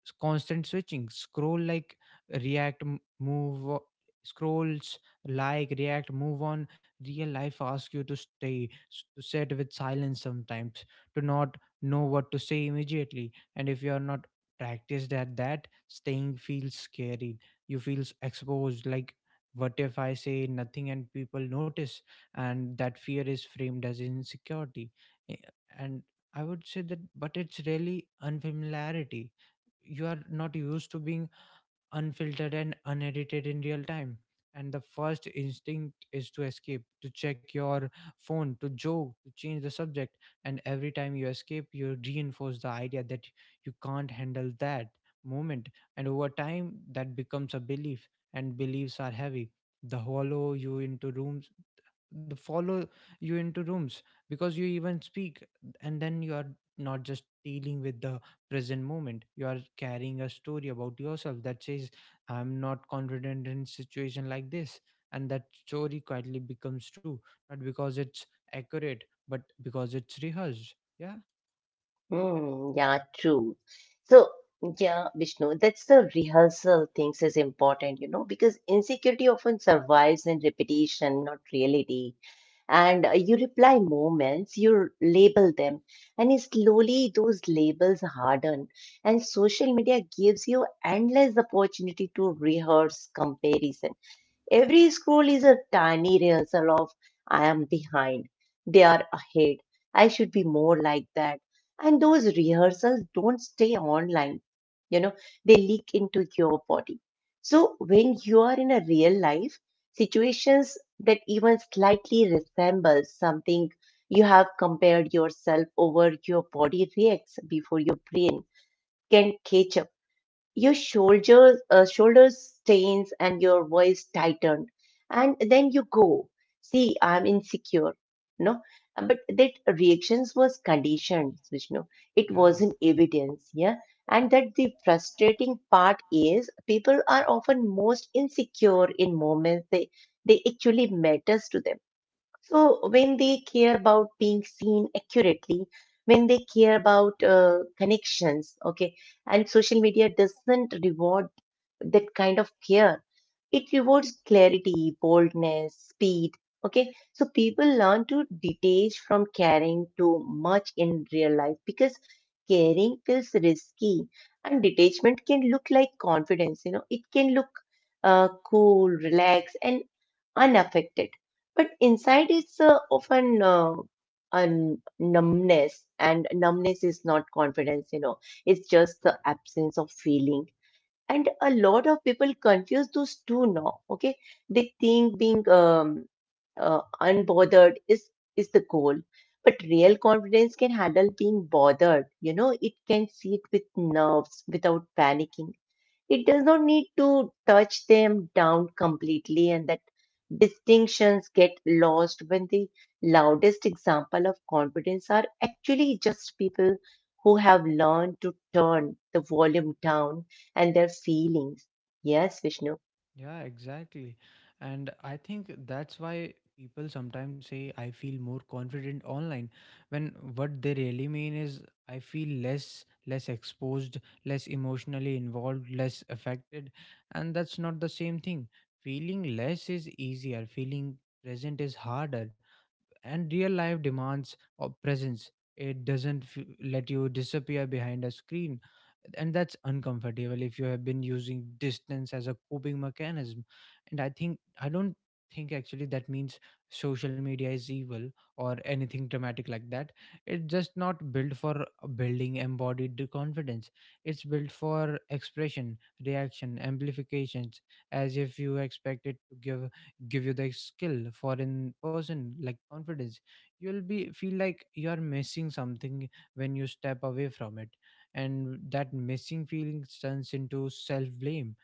A: s- constant switching, scroll like react m- move o- scrolls like react move on. Real life asks you to stay s- to sit with silence sometimes, to not know what to say immediately. And if you are not practiced at that, staying feels scary. You feels exposed, like what if I say nothing and people notice? And that fear is framed as insecurity. Eh, and I would say that, but it's really unfamiliarity. You are not used to being unfiltered and unedited in real time. And the first instinct is to escape, to check your phone, to joke, to change the subject. And every time you escape, you reinforce the idea that you can't handle that moment. And over time, that becomes a belief, and beliefs are heavy. The hollow you into rooms, the follow you into rooms, because you even speak. And then you are not just dealing with the present moment, you are carrying a story about yourself that says I'm not confident in situation like this. And that story quietly becomes true, not because it's accurate, but because it's rehearsed. Yeah.
B: Hmm. Yeah, true. So, yeah, Vishnu, that's the rehearsal things is important, you know, because insecurity often survives in repetition, not reality. and uh, you reply moments, you label them, and slowly those labels harden. And social media gives you endless opportunity to rehearse comparison. Every scroll is a tiny rehearsal of I am behind, they are ahead, I should be more like that. And those rehearsals don't stay online, you know, they leak into your body. So when you are in a real life, situations that even slightly resemble something you have compared yourself over, your body reacts before your brain can catch up. Your shoulders, uh, shoulders stains and your voice tightened. And then you go, see, I'm insecure. No, but that reactions was conditioned, Vishnu. It
A: Yeah.
B: wasn't evidence. Yeah. And that the frustrating part is people are often most insecure in moments they, they actually matters to them. So when they care about being seen accurately, when they care about uh, connections, okay, and social media doesn't reward that kind of care. It rewards clarity, boldness, speed, okay. So people learn to detach from caring too much in real life because caring feels risky, and detachment can look like confidence. You know, it can look uh, cool, relaxed, and unaffected. But inside is uh, often uh, a numbness, and numbness is not confidence, you know, it's just the absence of feeling. And a lot of people confuse those two now, okay? They think being um, uh, unbothered is, is the goal. But real confidence can handle being bothered, you know, it can sit with nerves without panicking. It does not need to touch them down completely, and that distinctions get lost when the loudest example of confidence are actually just people who have learned to turn the volume down and their feelings. Yes, Vishnu.
A: Yeah, exactly. And I think that's why people sometimes say I feel more confident online, when what they really mean is I feel less less exposed, less emotionally involved, less affected, and that's not the same thing. Feeling less is easier, feeling present is harder. And real life demands of presence, it doesn't f- let you disappear behind a screen. And that's uncomfortable if you have been using distance as a coping mechanism. And I think I don't think actually that means social media is evil or anything dramatic like that. It's just not built for building embodied confidence. It's built for expression, reaction, amplifications, as if you expect it to give give you the skill for in person like confidence. You'll be feel like you're missing something when you step away from it, and that missing feeling turns into self blame,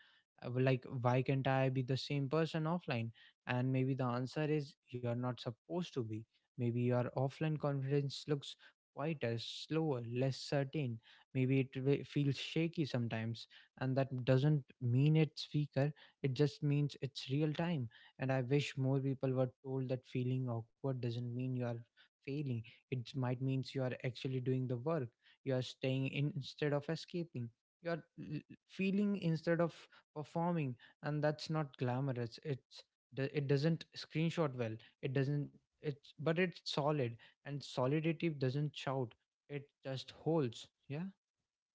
A: like why can't I be the same person offline? And maybe the answer is you're not supposed to be. Maybe your offline confidence looks quieter, slower, less certain. Maybe it wi- feels shaky sometimes, and that doesn't mean it's weaker. It just means it's real time. And I wish more people were told that feeling awkward doesn't mean you are failing. It might means you are actually doing the work. You are staying in instead of escaping. You are l- feeling instead of performing, and that's not glamorous. It's do- it doesn't screenshot well. It doesn't. It's But it's solid, and solidity doesn't shout. It just holds. Yeah.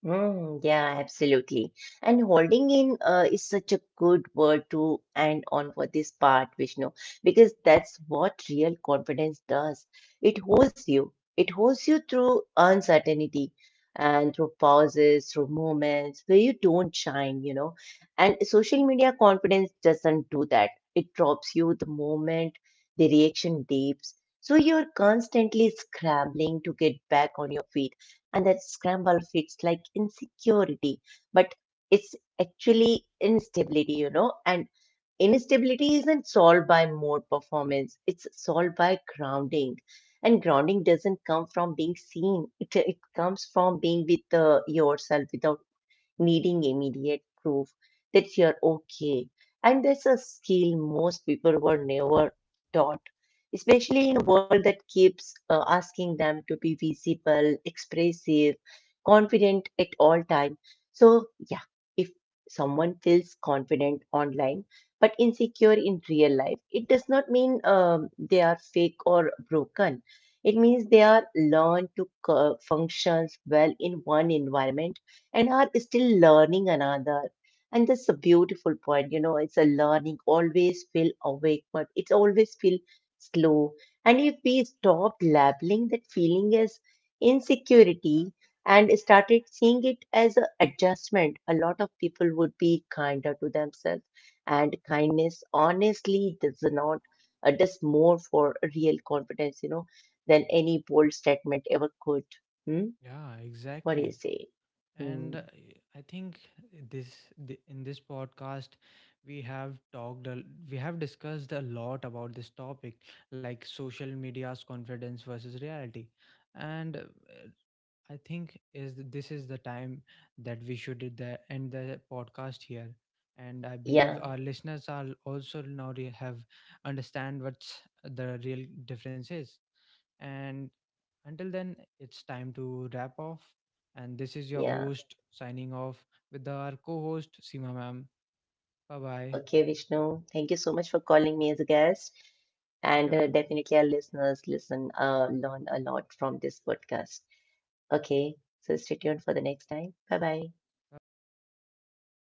B: Mm, yeah, absolutely. And holding in uh, is such a good word to end on for this part, Vishnu, because that's what real confidence does. It holds you. It holds you through uncertainty and through pauses, through moments where you don't shine, you know. And social media confidence doesn't do that. It drops you the moment the reaction deeps. So you're constantly scrambling to get back on your feet, and that scramble feels like insecurity, but it's actually instability, you know. And instability isn't solved by more performance, it's solved by grounding. And grounding doesn't come from being seen, it, it comes from being with uh, yourself without needing immediate proof that you're okay. And that's a skill most people were never taught, especially in a world that keeps uh, asking them to be visible, expressive, confident at all time. So yeah, if someone feels confident online but insecure in real life, it does not mean um, they are fake or broken. It means they are learned to co- functions well in one environment and are still learning another. And that's a beautiful point. You know, it's a learning. Always feel awake, but it's always feel slow. And if we stopped labeling that feeling as insecurity and started seeing it as an adjustment, a lot of people would be kinder to themselves. And kindness, honestly, does not uh, does more for real confidence, you know, than any bold statement ever could. Hmm?
A: Yeah,
B: What do you
A: exactly.
B: say? Hmm.
A: And uh, I think this the, in this podcast we have talked a- we have discussed a lot about this topic, like social media's confidence versus reality. And uh, I think is th- this is the time that we should did the, end the podcast here, and I believe
B: Yeah,
A: our listeners are also now re- have understand what's the real difference is. And until then, it's time to wrap off. And this is your
B: yeah.
A: host signing off with our co-host Seema ma'am. Bye bye.
B: Okay, Vishnu, thank you so much for calling me as a guest.
A: Okay,
B: And uh,
A: ma'am.
B: definitely, our listeners listen, uh, learn a lot from this podcast. Okay, so stay tuned for the next time. Bye bye.
A: Bye bye.